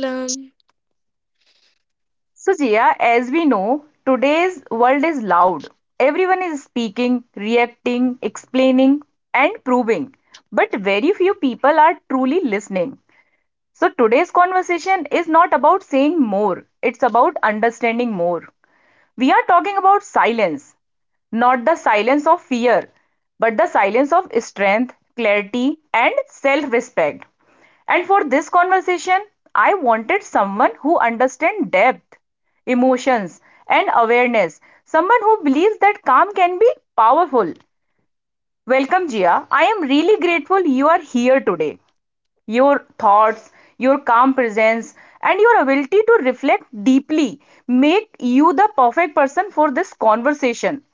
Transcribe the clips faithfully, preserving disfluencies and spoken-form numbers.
Hi Neelam. So, Jia, as we know, today's world is loud. Everyone is speaking, reacting, explaining, and proving. But very few people are truly listening. So, today's conversation is not about saying more, it's about understanding more. We are talking about silence, not the silence of fear, but the silence of strength, clarity, and self respect. And for this conversation, I wanted someone who understands depth, emotions, and awareness. Someone who believes that calm can be powerful. Welcome, Jia. I am really grateful you are here today, your thoughts, your calm presence, and your ability to reflect deeply make you the perfect person for this conversation.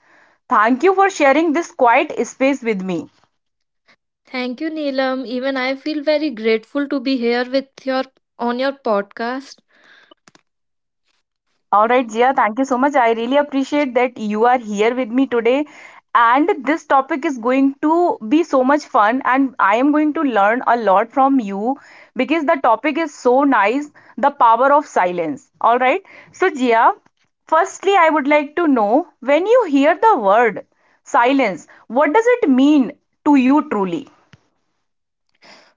Thank you for sharing this quiet space with me. Thank you Neelam. Even I feel very grateful to be here with your on your podcast. All right, Jia. thank you so much. I really appreciate that you are here with me today. And this topic is going to be so much fun, and I am going to learn a lot from you because the topic is so nice, the power of silence. All right. So, Jia, firstly, I would like to know, when you hear the word silence, what does it mean to you truly?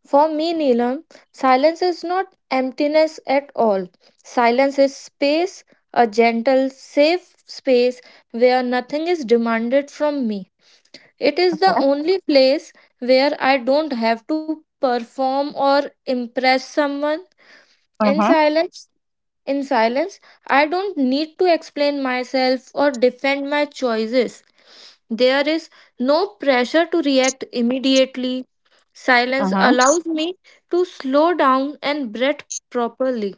For me Neelam, silence is not emptiness at all. Silence is space, a gentle, safe space where nothing is demanded from me. It is Okay. the only place where I don't have to perform or impress someone. In Mm-hmm. silence, In silence, I don't need to explain myself or defend my choices. There is no pressure to react immediately. Silence Mm-hmm. allows me to slow down and breathe properly.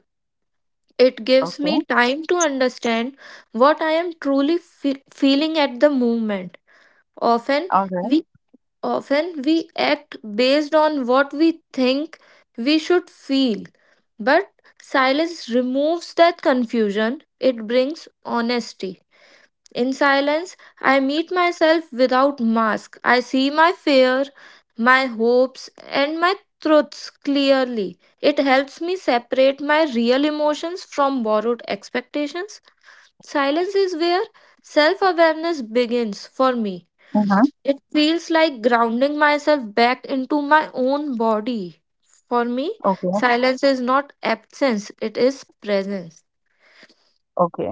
It gives Okay. me time to understand what I am truly fe- feeling at the moment. Often, All right. we Often we act based on what we think we should feel, but silence removes that confusion. It brings honesty. In silence, I meet myself without mask. I see my fear, my hopes, and my truths clearly. It helps me separate my real emotions from borrowed expectations. Silence is where self awareness begins for me. Mm-hmm. It feels like grounding myself back into my own body. For me, silence is not absence, it is presence. Okay.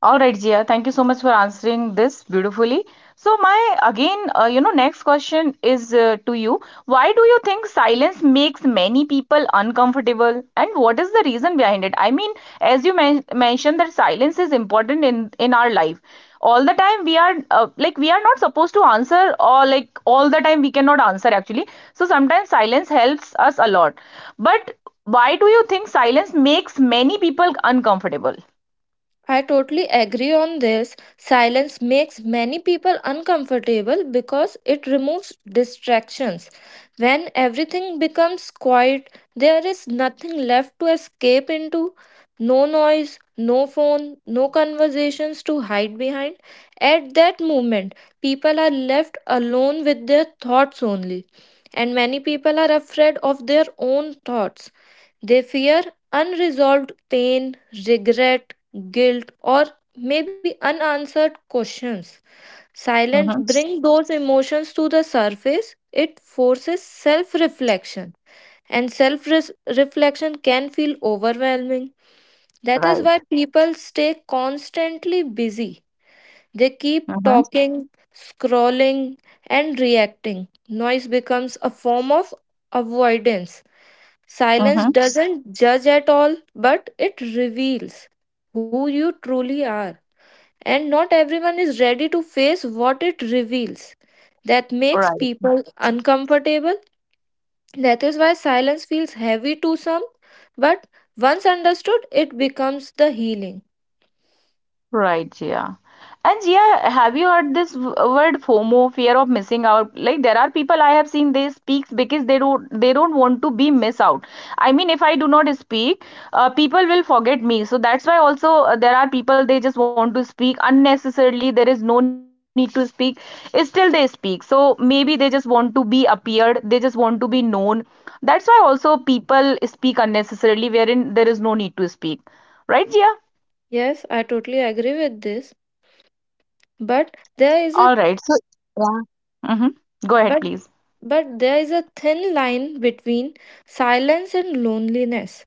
All right, Zia, thank you so much for answering this beautifully. So, my again, uh, you know, next question is uh, to you. Why do you think silence makes many people uncomfortable, and what is the reason behind it? I mean, as you men- mentioned that silence is important in in our life. All the time we are uh, like, we are not supposed to answer, or like all the time we cannot answer actually. So sometimes silence helps us a lot. But why do you think silence makes many people uncomfortable? I totally agree on this. Silence makes many people uncomfortable because it removes distractions. When everything becomes quiet, there is nothing left to escape into. No noise, no phone, no conversations to hide behind. At that moment, people are left alone with their thoughts only. And many people are afraid of their own thoughts. They fear unresolved pain, regret, guilt, or maybe unanswered questions. Silence Hmm. brings those emotions to the surface. It forces self reflection, and self reflection can feel overwhelming. That is why Right. people stay constantly busy. They keep Mm-hmm. talking, scrolling, and reacting. Noise becomes a form of avoidance. Silence Mm-hmm. doesn't judge at all, but it reveals who you truly are and not everyone is ready to face what it reveals. That makes Right, people uncomfortable. That is why silence feels heavy to some, but once understood, it becomes the healing. right, Jia. And Jia, have you heard this w- word FOMO, fear of missing out? Like there are people I have seen they speak because they don't they don't want to be miss out. I mean, if I do not speak, uh, people will forget me. So that's why also, uh, there are people, they just want to speak unnecessarily. There is no need to speak. Still they speak. So maybe they just want to be appeared. They just want to be known. That's why also people speak unnecessarily, wherein there is no need to speak. Right, Jia. Yes, I totally agree with this, but there is a All right. So, yeah. Mm-hmm. Go ahead, but please. but there is a thin line between silence and loneliness.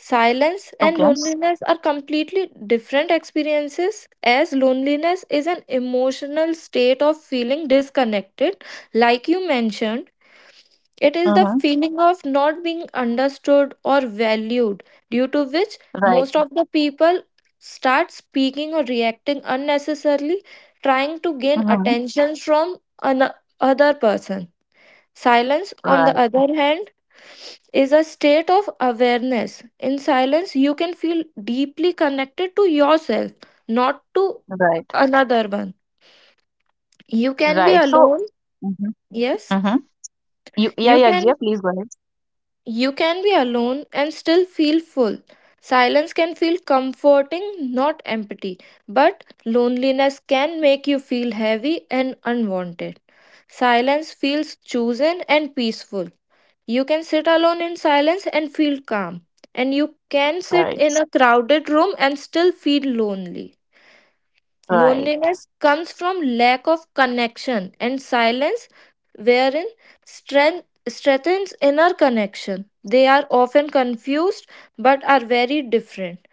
Silence and Okay. loneliness are completely different experiences, as loneliness is an emotional state of feeling disconnected. Like you mentioned, it is the Mm-hmm. feeling of not being understood or valued, due to which Right. most of the people start speaking or reacting unnecessarily, trying to gain Mm-hmm. attention from another person. Silence, on the Right. other hand, is a state of awareness. In silence, you can feel deeply connected to yourself, not to Right. another one. You can be Right. So, alone, mm-hmm. yes. Mm-hmm. You, yeah, You yeah, can Jia, please go ahead. you can be alone and still feel full. Silence can feel comforting, not empty, but loneliness can make you feel heavy and unwanted. Silence feels chosen and peaceful. You can sit alone in silence and feel calm. And you can sit Right. in a crowded room and still feel lonely. Right. Loneliness comes from lack of connection and silence, wherein strength strengthens inner connection. They are often confused but are very different.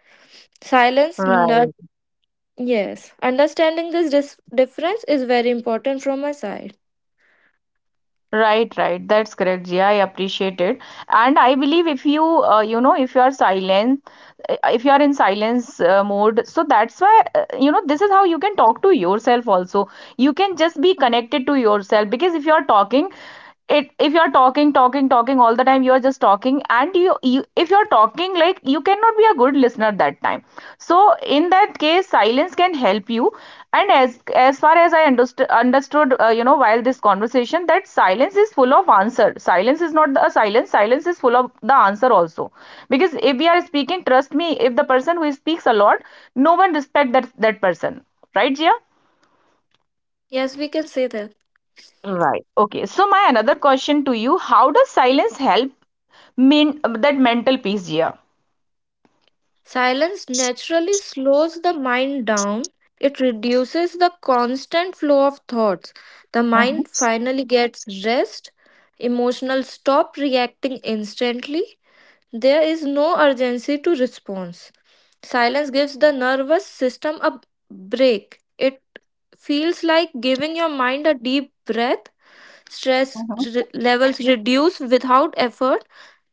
Silence, nur- Right. yes. Understanding this dis- difference is very important from my side. Right, right. That's correct, Jia. I appreciate it. And I believe, if you, uh, you know, if you are silent, uh, if you are in silence uh, mode, so that's why, uh, you know, this is how you can talk to yourself also. You can just be connected to yourself because if you are talking, it if you are talking, talking, talking all the time, you are just talking, and you, you if you're talking, like, you cannot be a good listener that time. So in that case silence can help you. And as as far as I understood understood uh, you know while this conversation, that silence is full of answer. Silence is not the silence, silence is full of the answer also. Because if we are speaking, trust me, if the person who speaks a lot, no one respect that that person, right, Jia? Yes, we can say that. Right. Okay, so my another question to you, how does silence help, mean, that mental peace, Jia? Silence naturally slows the mind down. It reduces the constant flow of thoughts. The Hmm. mind finally gets rest. Emotional stop reacting instantly. There is no urgency to response. Silence gives the nervous system a break. It feels like giving your mind a deep breath. Hmm. Stress re- levels reduce without effort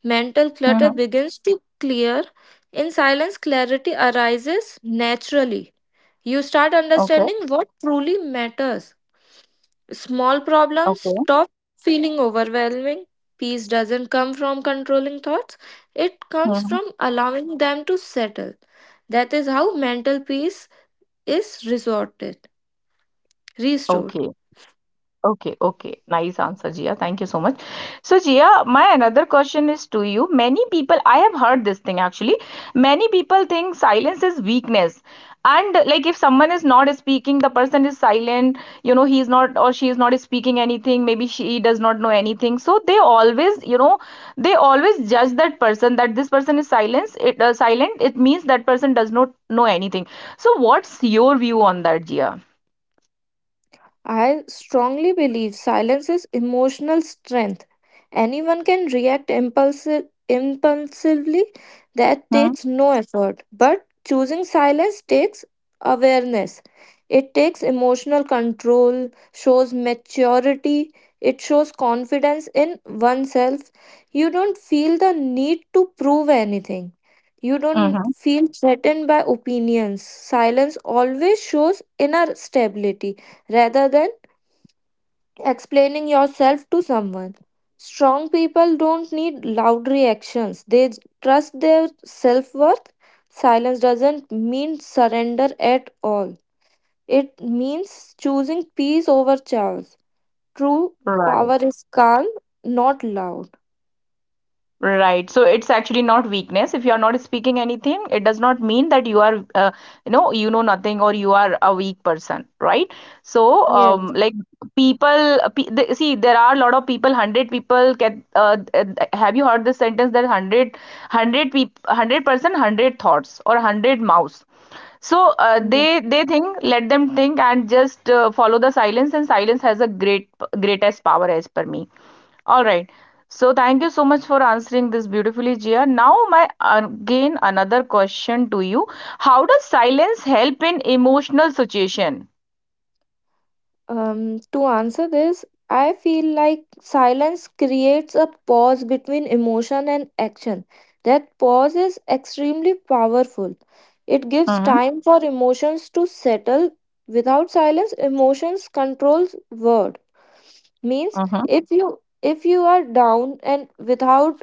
mental clutter begins to clear. In silence, clarity arises naturally. You start Hmm. understanding what truly matters. Small Okay. problems stop feeling overwhelming. Peace doesn't come from controlling thoughts, it comes Hmm. from allowing them to settle. That is how mental peace is resorted, restored. Okay. Okay. Okay. Nice answer, Jia. Thank you so much. So, Jia, my another question is to you. Many people, I have heard this thing actually. Many people think silence is weakness. And like, if someone is not speaking, the person is silent, you know, he's not or she is not speaking anything, maybe she does not know anything. So they always, you know, they always judge that person, that this person is silence, it uh, silent, it means that person does not know anything. So what's your view on that, Jia? I strongly believe silence is emotional strength. Anyone can react impulsive, impulsively, that takes no effort. But choosing silence takes awareness. It takes emotional control, shows maturity, it shows confidence in oneself. You don't feel the need to prove anything. You don't feel threatened by opinions. Silence always shows inner stability rather than explaining yourself to someone. Strong people don't need loud reactions, they j- trust their self worth. Silence doesn't mean surrender at all, it means choosing peace over chaos. True power Right. is calm, not loud. Right. So it's actually not weakness. If you are not speaking anything, it does not mean that you are, uh, you know, you know nothing, or you are a weak person, right? So, Yes. um, like, people, pe the, see, there are a lot of people. Hundred people get. Uh, uh, have you heard this sentence that hundred, hundred people, hundred person, hundred thoughts or hundred mouths? So uh, they they think, let them think, and just uh, follow the silence. And silence has a great, greatest power as per me. All right. So thank you so much for answering this beautifully, Jia. Now my again another question to you. How does silence help in emotional situation? Um, to answer this, I feel like silence creates a pause between emotion and action. That pause is extremely powerful. It gives Mm-hmm. time for emotions to settle. Without silence, emotions controls word. Means Mm-hmm. if you if you are down and without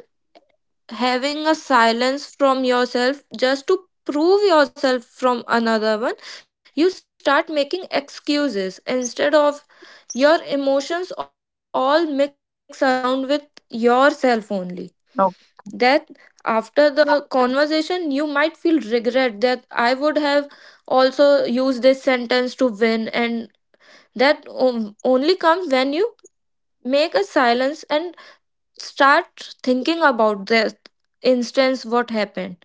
having a silence from yourself just to prove yourself from another one you start making excuses instead of your emotions all mix around with yourself only that Okay. after the conversation you might feel regret that I would have also used this sentence to win and that o- only comes when you make a silence and start thinking about the instance what happened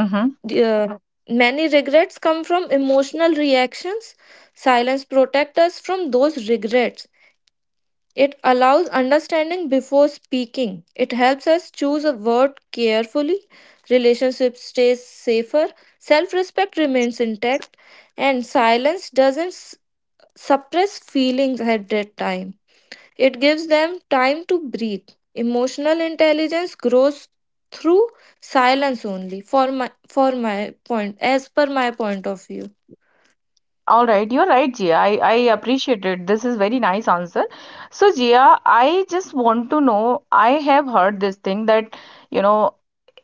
Mm-hmm. D- Uh, many regrets come from emotional reactions. Silence protects us from those regrets. It allows understanding before speaking. It helps us choose a word carefully. Relationship stays safer. Self respect remains intact. And silence doesn't s- suppress feelings at that time. It gives them time to breathe. Emotional intelligence grows through silence only for my for my point as per my point of view. All right, you're right, Jia. I, I appreciate it. This is very nice answer. So, Jia, I just want to know, I have heard this thing that, you know,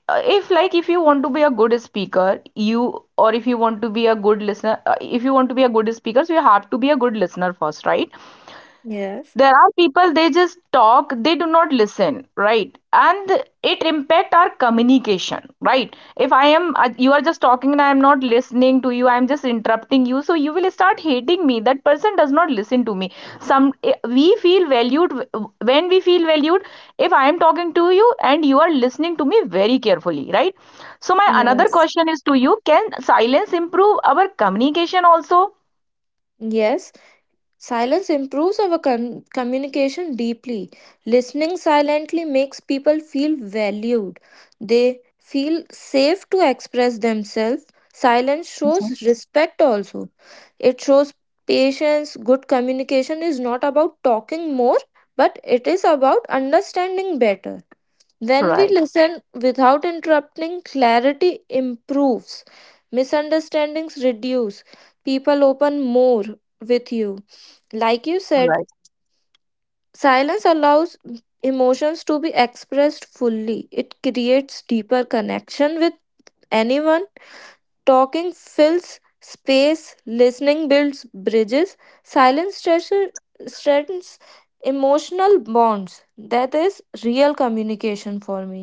uh, if, like, if you want to be a good speaker, you, or if you want to be a good listener, uh, if you want to be a good speaker, so you have to be a good listener first, right? Yes. There are people, they just talk, they do not listen, right? And it impact our communication, right? If I am uh, you are just talking, and I am not listening to you, I am just interrupting you, so you will start hating me, that person does not listen to me. Some, eh, we feel valued. When we feel valued, if I am talking to you and you are listening to me very carefully, right? So my another Yes. question is to you, can silence improve our communication also? Yes. Silence improves our con- communication deeply. Listening silently makes people feel valued. They feel safe to express themselves. Silence shows respect also. It shows patience. Good communication is not about talking more, but it is about understanding better. When we Right. listen without interrupting, clarity improves. Misunderstandings reduce. People open more with you. Like you said, silence allows emotions to be expressed fully. It creates deeper connection with anyone. Talking fills space, listening builds bridges. Silence stretches- strengthens emotional bonds. That is real communication for me.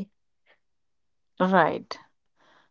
Right.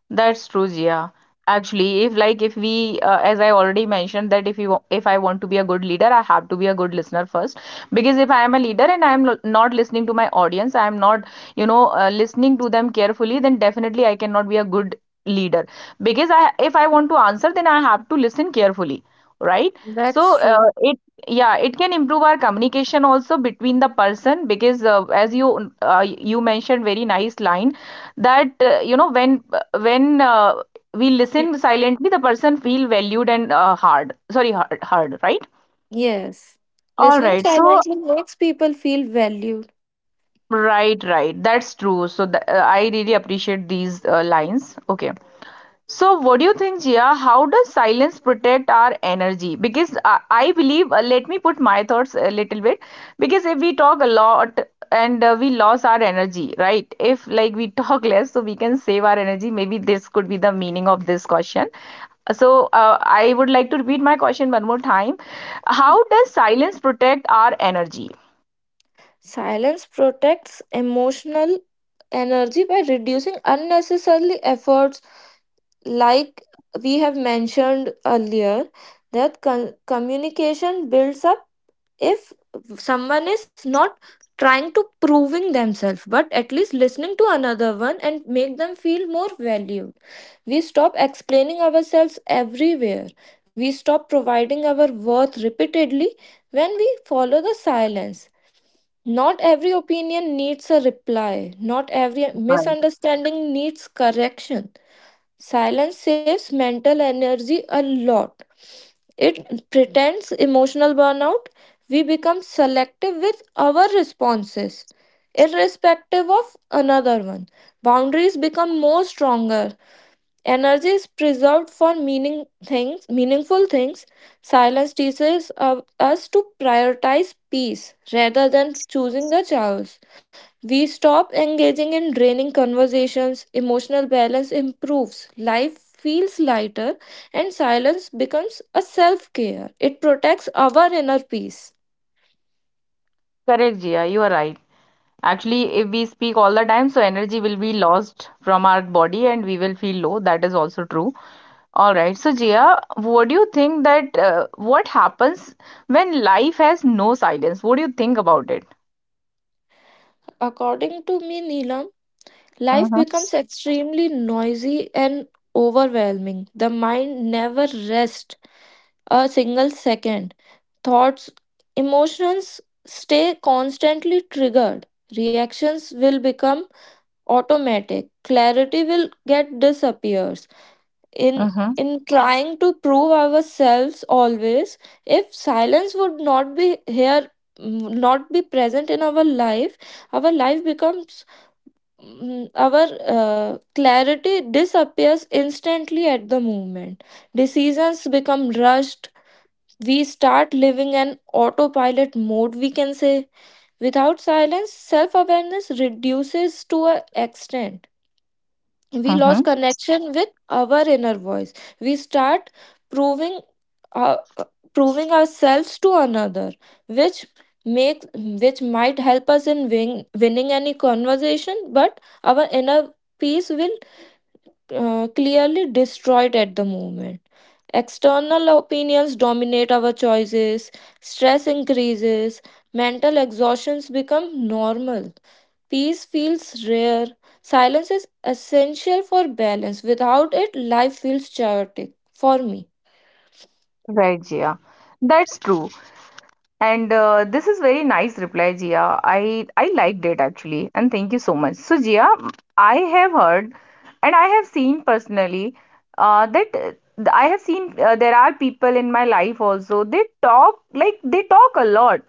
That's true, Jia. Actually, if, like, if we, uh, as I already mentioned, that if you, if I want to be a good leader, I have to be a good listener first. Because if I am a leader and I am lo- not listening to my audience, I am not, you know, uh, listening to them carefully, then definitely I cannot be a good leader. Because I, if I want to answer, then I have to listen carefully, right? That's So true. uh, it, yeah, it can improve our communication also between the person. Because uh, as you uh, you mentioned very nice line that, uh, you know, when when uh, we listen silently, the person feel valued, and uh, hard, sorry, hard, hard, right? Yes. All Listening right. So silently makes people feel valued. right, right, that's true. So th- uh, I really appreciate these uh, lines. Okay. So what do you think, Jia, how does silence protect our energy? Because i, I believe, uh, let me put my thoughts a little bit, because if we talk a lot, and uh, we lose our energy, right? If, like, we talk less, so we can save our energy, maybe this could be the meaning of this question. So, uh, I would like to repeat my question one more time. How does silence protect our energy? Silence protects emotional energy by reducing unnecessarily efforts like we have mentioned earlier that con- communication builds up if someone is not trying to proving themselves but at least listening to another one and make them feel more valued, we stop explaining ourselves everywhere, we stop providing our worth repeatedly when we follow the silence. Not every opinion needs a reply. Not every misunderstanding needs correction. Silence saves mental energy a lot. It pretends emotional burnout. We become selective with our responses, irrespective of another one. Boundaries become more stronger. Energy is preserved for meaning things, meaningful things. Silence teaches uh, us to prioritize peace rather than choosing the chaos. We stop engaging in draining conversations, emotional balance improves, life feels lighter, and silence becomes a self care. It protects our inner peace. Correct, Jia, you are right. Actually, if we speak all the time, so energy will be lost from our body and we will feel low. That is also true. All right. So, Jia, what do you think that, uh, what happens when life has no silence? What do you think about it? According to me, Neelam, life becomes Mm-hmm. extremely noisy and overwhelming. The mind never rests a single second. Thoughts, emotions stay constantly triggered. Reactions will become automatic. Clarity will get disappears. In Mm-hmm. in trying to prove ourselves always, if silence would not be here, not be present in our life, our life becomes mm, our uh, clarity disappears instantly at the moment. Decisions become rushed. We start living an autopilot mode, we can say. Without silence, self awareness reduces to an extent we lose Mm-hmm. connection with our inner voice. We start proving uh, uh, proving ourselves to another which makes which might help us in win, winning any conversation but our inner peace will uh, clearly destroyed at the moment. External opinions dominate our choices, stress increases, mental exhaustions become normal. Peace feels rare. Silence is essential for balance. Without it, life feels chaotic for me. Right, Jia. That's true. And, uh, this is very nice reply, Jia. I I liked it actually, and thank you so much. So, Jia, I have heard, and I have seen personally, uh, that uh, I have seen, uh, there are people in my life also. They talk, like they talk a lot,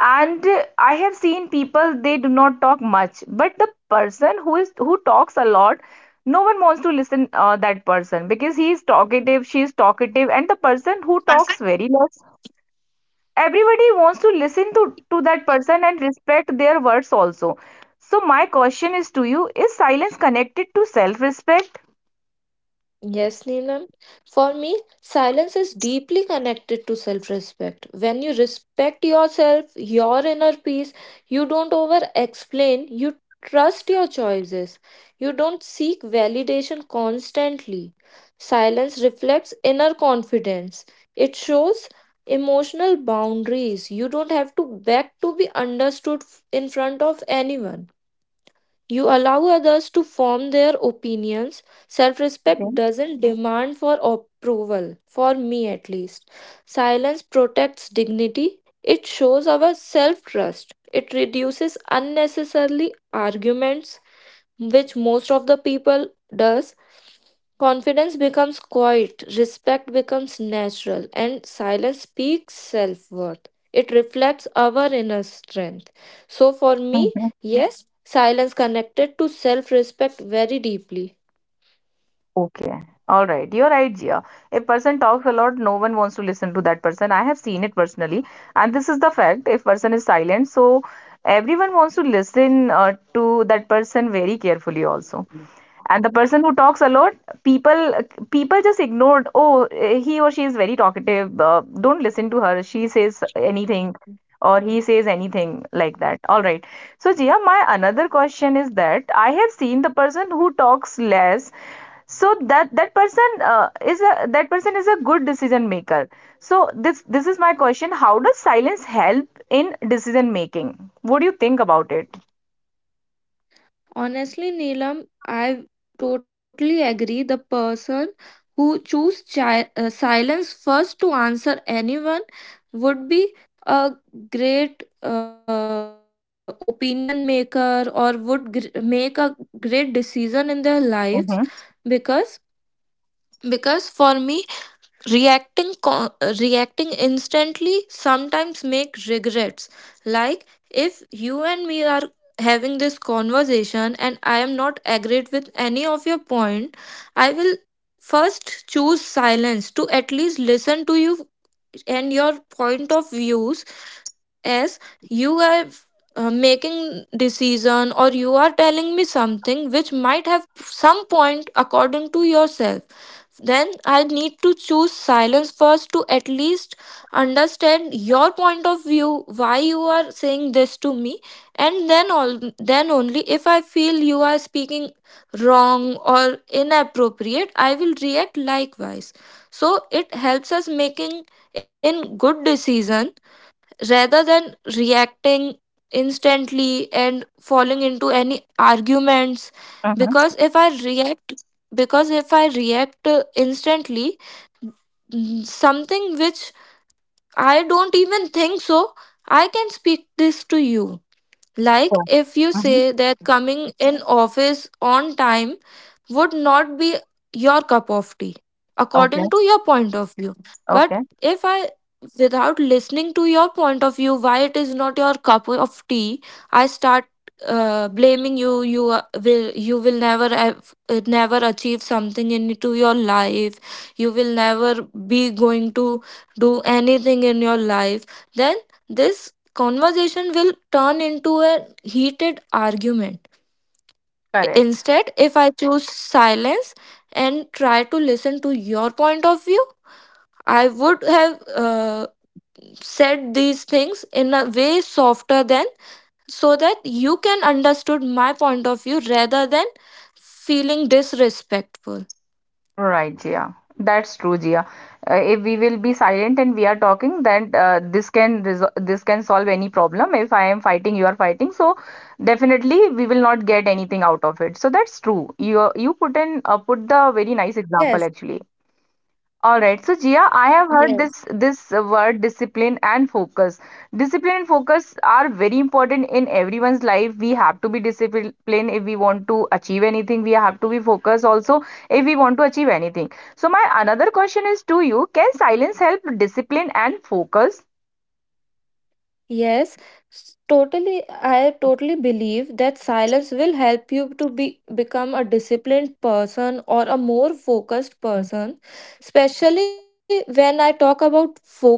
and, uh, I have seen people, they do not talk much. But the person who is, who talks a lot, no one wants to listen, uh, that person, because he is talkative, she is talkative, and the person who talks very, everybody wants to listen to, to that person and respect their words also. So my question is to you, is silence connected to self-respect? Yes, Neelam. For me, silence is deeply connected to self respect. When you respect yourself, your inner peace, you don't over explain, you trust your choices, you don't seek validation constantly. Silence reflects inner confidence, it shows emotional boundaries. You don't have to beg to be understood f- in front of anyone. You allow others to form their opinions. Self Okay. respect doesn't demand for approval, for me at least. Silence protects dignity. It shows our self trust. It reduces unnecessarily arguments, which most of the people does. Confidence becomes quiet, respect becomes natural, and silence speaks self worth. It reflects our inner strength. So, for me, Mhm. yes, silence connected to self respect very deeply. Okay. All right. You're right, Jia. If person talks a lot, no one wants to listen to that person. I have seen it personally. And this is the fact. If person is silent, so everyone wants to listen, uh, to that person very carefully also. And the person who talks a lot, people people just ignored, oh, eh, he or she is very talkative, uh, don't listen to her, she says anything, or he says anything, like that. All right. So, Jia, my another question is that, I have seen the person who talks less, so that, that person uh, is a that person is a good decision maker. So this this is my question, how does silence help in decision making? What do you think about it? Honestly, Neelam, I totally agree. The person who choose chi- uh, silence first to answer anyone would be a great uh, opinion maker or would gr- make a great decision in their lives Mm-hmm. because because for me, Reacting co- reacting instantly sometimes make regrets. Like if you and me are having this conversation and I am not agreed with any of your point, I will first choose silence to at least listen to you and your point of views as you are uh, making decision or you are telling me something which might have some point according to yourself, then I need to choose silence first to at least understand your point of view, why you are saying this to me, and then all then only if I feel you are speaking wrong or inappropriate, I will react likewise. So it helps us making in good decisions rather than reacting instantly and falling into any arguments because if i react because if I react uh, instantly mm, something which I don't even think so I can speak this to you. Like Mm-hmm. if you say that coming in office on time would not be your cup of tea Okay. according to your point of view, but Okay. if i, without listening to your point of view why it is not your cup of tea, I start uh, blaming you you uh, will you will never have, uh, never achieve something into your life. You will never be going to do anything in your life. Then this conversation will turn into a heated argument. Correct. Instead, if I choose silence and try to listen to your point of view, I would have uh, said these things in a way softer than so that you can understood my point of view rather than feeling disrespectful. Right, Jia. That's true, Jia. Uh, if we will be silent and we are talking, then, uh, this can resol this can solve any problem. If I am fighting, you are fighting, so definitely we will not get anything out of it. So that's true. You you put in, uh, put the very nice Yes. example actually. All right. So, Jia, I have heard Yes. this this uh, word, discipline and focus. Discipline and focus are very important in everyone's life. We have to be disciplined if we want to achieve anything. We have to be focused also if we want to achieve anything. So, my another question is to you, can silence help discipline and focus? Yes, s- totally. I totally believe that silence will help you to be become a disciplined person or a more focused person. Especially when I talk about focus,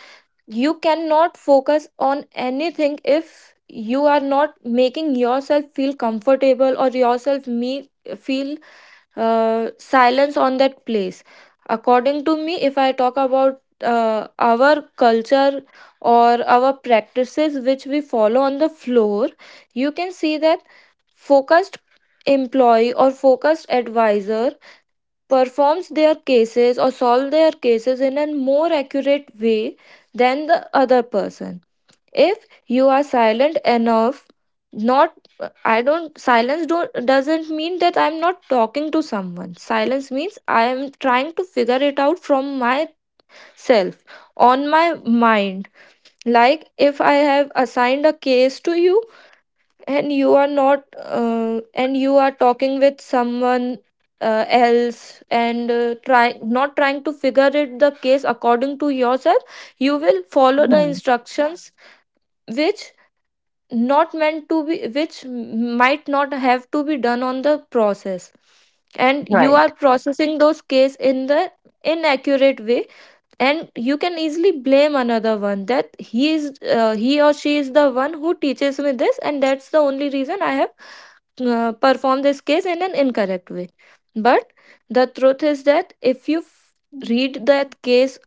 you cannot focus on anything if you are not making yourself feel comfortable or yourself me feel uh, silence on that place. According to me, if I talk about uh, our culture or our practices which we follow on the floor, you can see that focused employee or focused advisor performs their cases or solve their cases in a more accurate way than the other person. If you are silent enough, not, I don't, silence don't doesn't mean that I'm not talking to someone. Silence means I am trying to figure it out from myself, on my mind. Like if I have assigned a case to you and you are not uh, and you are talking with someone uh, else and uh, try not trying to figure it the case according to yourself, you will follow Mhm. the instructions which not meant to be which might not have to be done on the process, and you Right. are processing those case in the inaccurate way. And you can easily blame another one that he is uh, he or she is the one who teaches me this and that's the only reason I have uh, perform this case in an incorrect way. But the truth is that if you f- read that case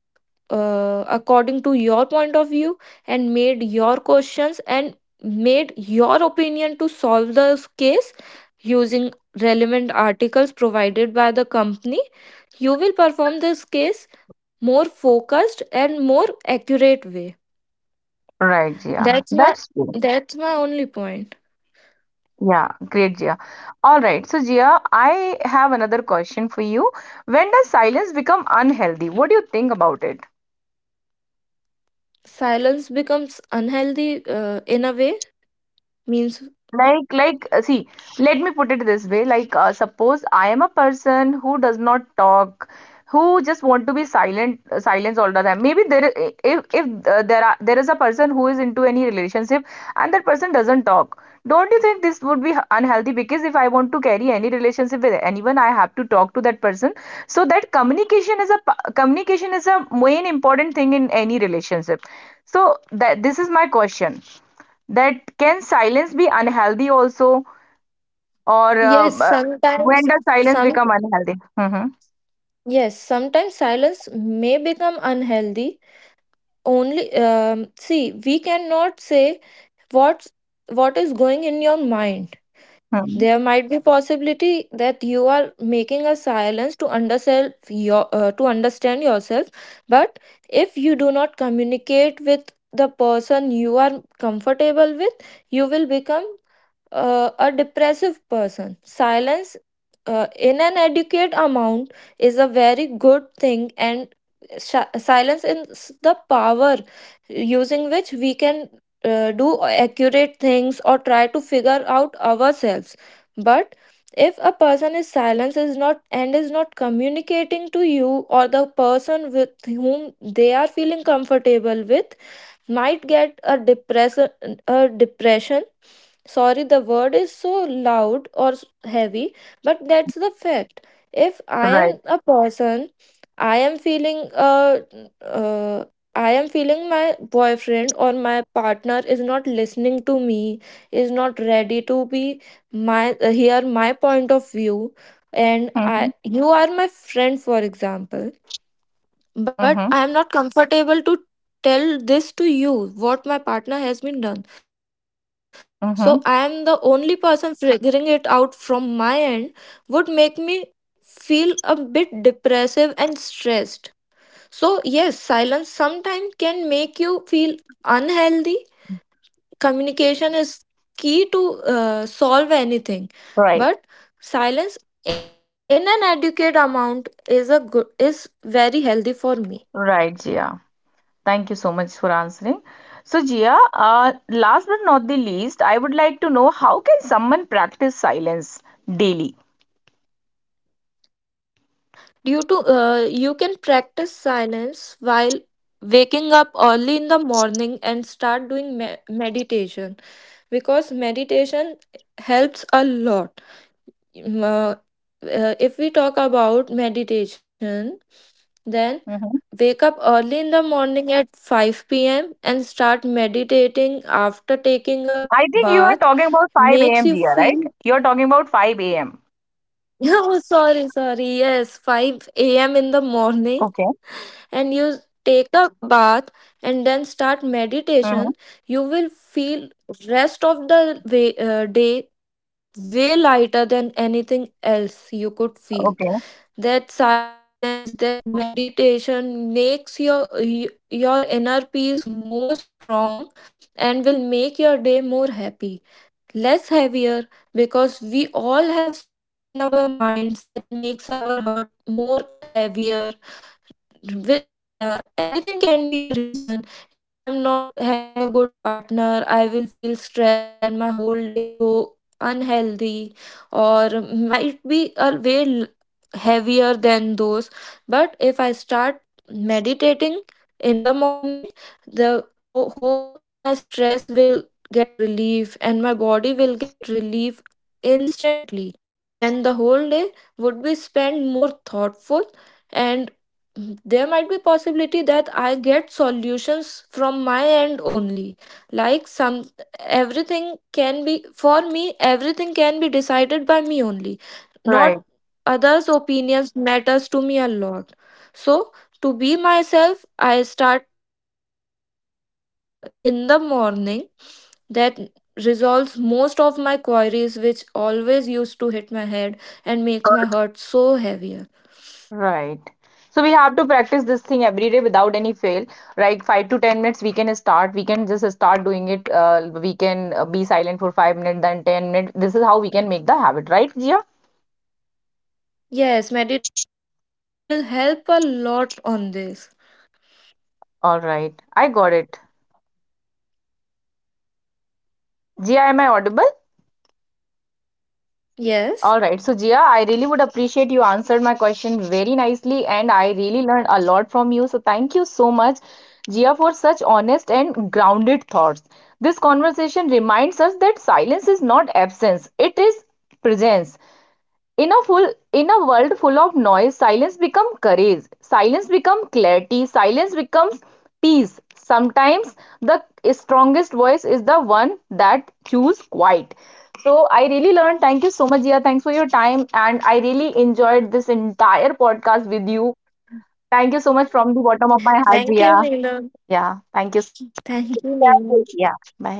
uh, according to your point of view and made your questions and made your opinion to solve the case using relevant articles provided by the company, you will perform this case more focused and more accurate way. Right, Jia. That's my That's good. that's my only point. Yeah, great, Jia. All right. So, Jia, I have another question for you. When does silence become unhealthy? What do you think about it? Silence becomes unhealthy uh, in a way means, Like, like, uh, see, let me put it this way. Like, uh, suppose I am a person who does not talk, who just want to be silent, uh, silence all the time. Maybe there, i- if if uh, there are there is a person who is into any relationship, and that person doesn't talk. Don't you think this would be h- unhealthy? Because if I want to carry any relationship with anyone, I have to talk to that person. So that communication is a pa- communication is a main important thing in any relationship. So that, this is my question, that can silence be unhealthy also, or uh, yes uh, when sometimes, does silence some become unhealthy? Mm-hmm. yes sometimes silence may become unhealthy only. Um, see, we cannot say what's what is going in your mind. Mm-hmm. There might be possibility that you are making a silence to understand your uh, to understand yourself, but if you do not communicate with the person you are comfortable with, you will become uh, a depressive person. Silence uh, in an adequate amount is a very good thing, and shi- silence is the power using which we can uh, do accurate things or try to figure out ourselves. But if a person is silent is not and is not communicating to you or the person with whom they are feeling comfortable with, might get a depress a depression. Sorry, the word is so loud or s- heavy, but that's the fact. If I am Right. a person, I am feeling uh, uh I am feeling my boyfriend or my partner is not listening to me, is not ready to be my uh, hear my point of view, and I Mm-hmm. you are my friend, for example, but Mm-hmm. I am not comfortable to tell this to you, what my partner has been done. So I am Mm-hmm. the only person figuring it out from my end would make me feel a bit depressive and stressed. So yes, silence sometimes can make you feel unhealthy. Communication is key to uh, solve anything. Right, But silence in an adequate amount is a good is very healthy for me. right, Jia, thank you so much for answering. So, Jia, uh, last but not the least, I would like to know, how can someone practice silence daily? Due to uh, You can practice silence while waking up early in the morning and start doing me- meditation, because meditation helps a lot. Mm, uh, uh, if we talk about meditation, then Mm-hmm. wake up early in the morning at five p m and start meditating after taking a I think bath you are talking about makes you five a m, Jia, feel right? You are talking about five a m oh sorry, sorry, yes, five a m in the morning, Okay. and you take a bath and then start meditation, Mm-hmm. you will feel rest of the way, uh, day way lighter than anything else you could feel. Okay. That silence, that meditation makes your y- your inner peace more strong and will make your day more happy, less heavier, because we all have something in our minds that makes our heart more heavier, which, uh, anything can be a reason. If I'm not having a good partner, I will feel stressed and my whole day go unhealthy, or might be a way l- heavier than those. But if I start meditating in the morning, the o- whole my stress will get relief and my body will get relief instantly. Then the whole day would be spent more thoughtful, and, Mhm, there might be possibility that I get solutions from my end only. Like some everything can be for me, everything can be decided by me only, Right. not others opinions matters to me a lot. So to be myself, I start meditation at uh, in the morning. That resolves most of my queries which always used to hit my head and makes my heart so heavier. Right. So we have to practice this thing every day without any fail. Like, five to ten minutes, we can start. We can just start doing it. Uh, we can uh, be silent for five minutes, then ten minutes. This is how we can make the habit, right, Jia? Yes, meditation will help a lot on this. All right. I got it. Jia, am I audible? All right. Yes. So, Jia, I really would appreciate, you answered my question very nicely, and I really learned a lot from you. So, thank you so much, Jia, for such honest and grounded thoughts. This conversation reminds us that silence is not absence, it is presence. in a full in a world full of noise, silence becomes courage, silence becomes clarity, silence becomes peace. Sometimes the strongest voice is the one that chooses quiet. So I really learned, thank you so much. Yeah, thanks for your time, and I really enjoyed this entire podcast with you. Thank you so much from the bottom of my heart. Yeah. Thank you, Yeah, Neelam. thank you so much. Yeah. Thank you, Bye. Neelam.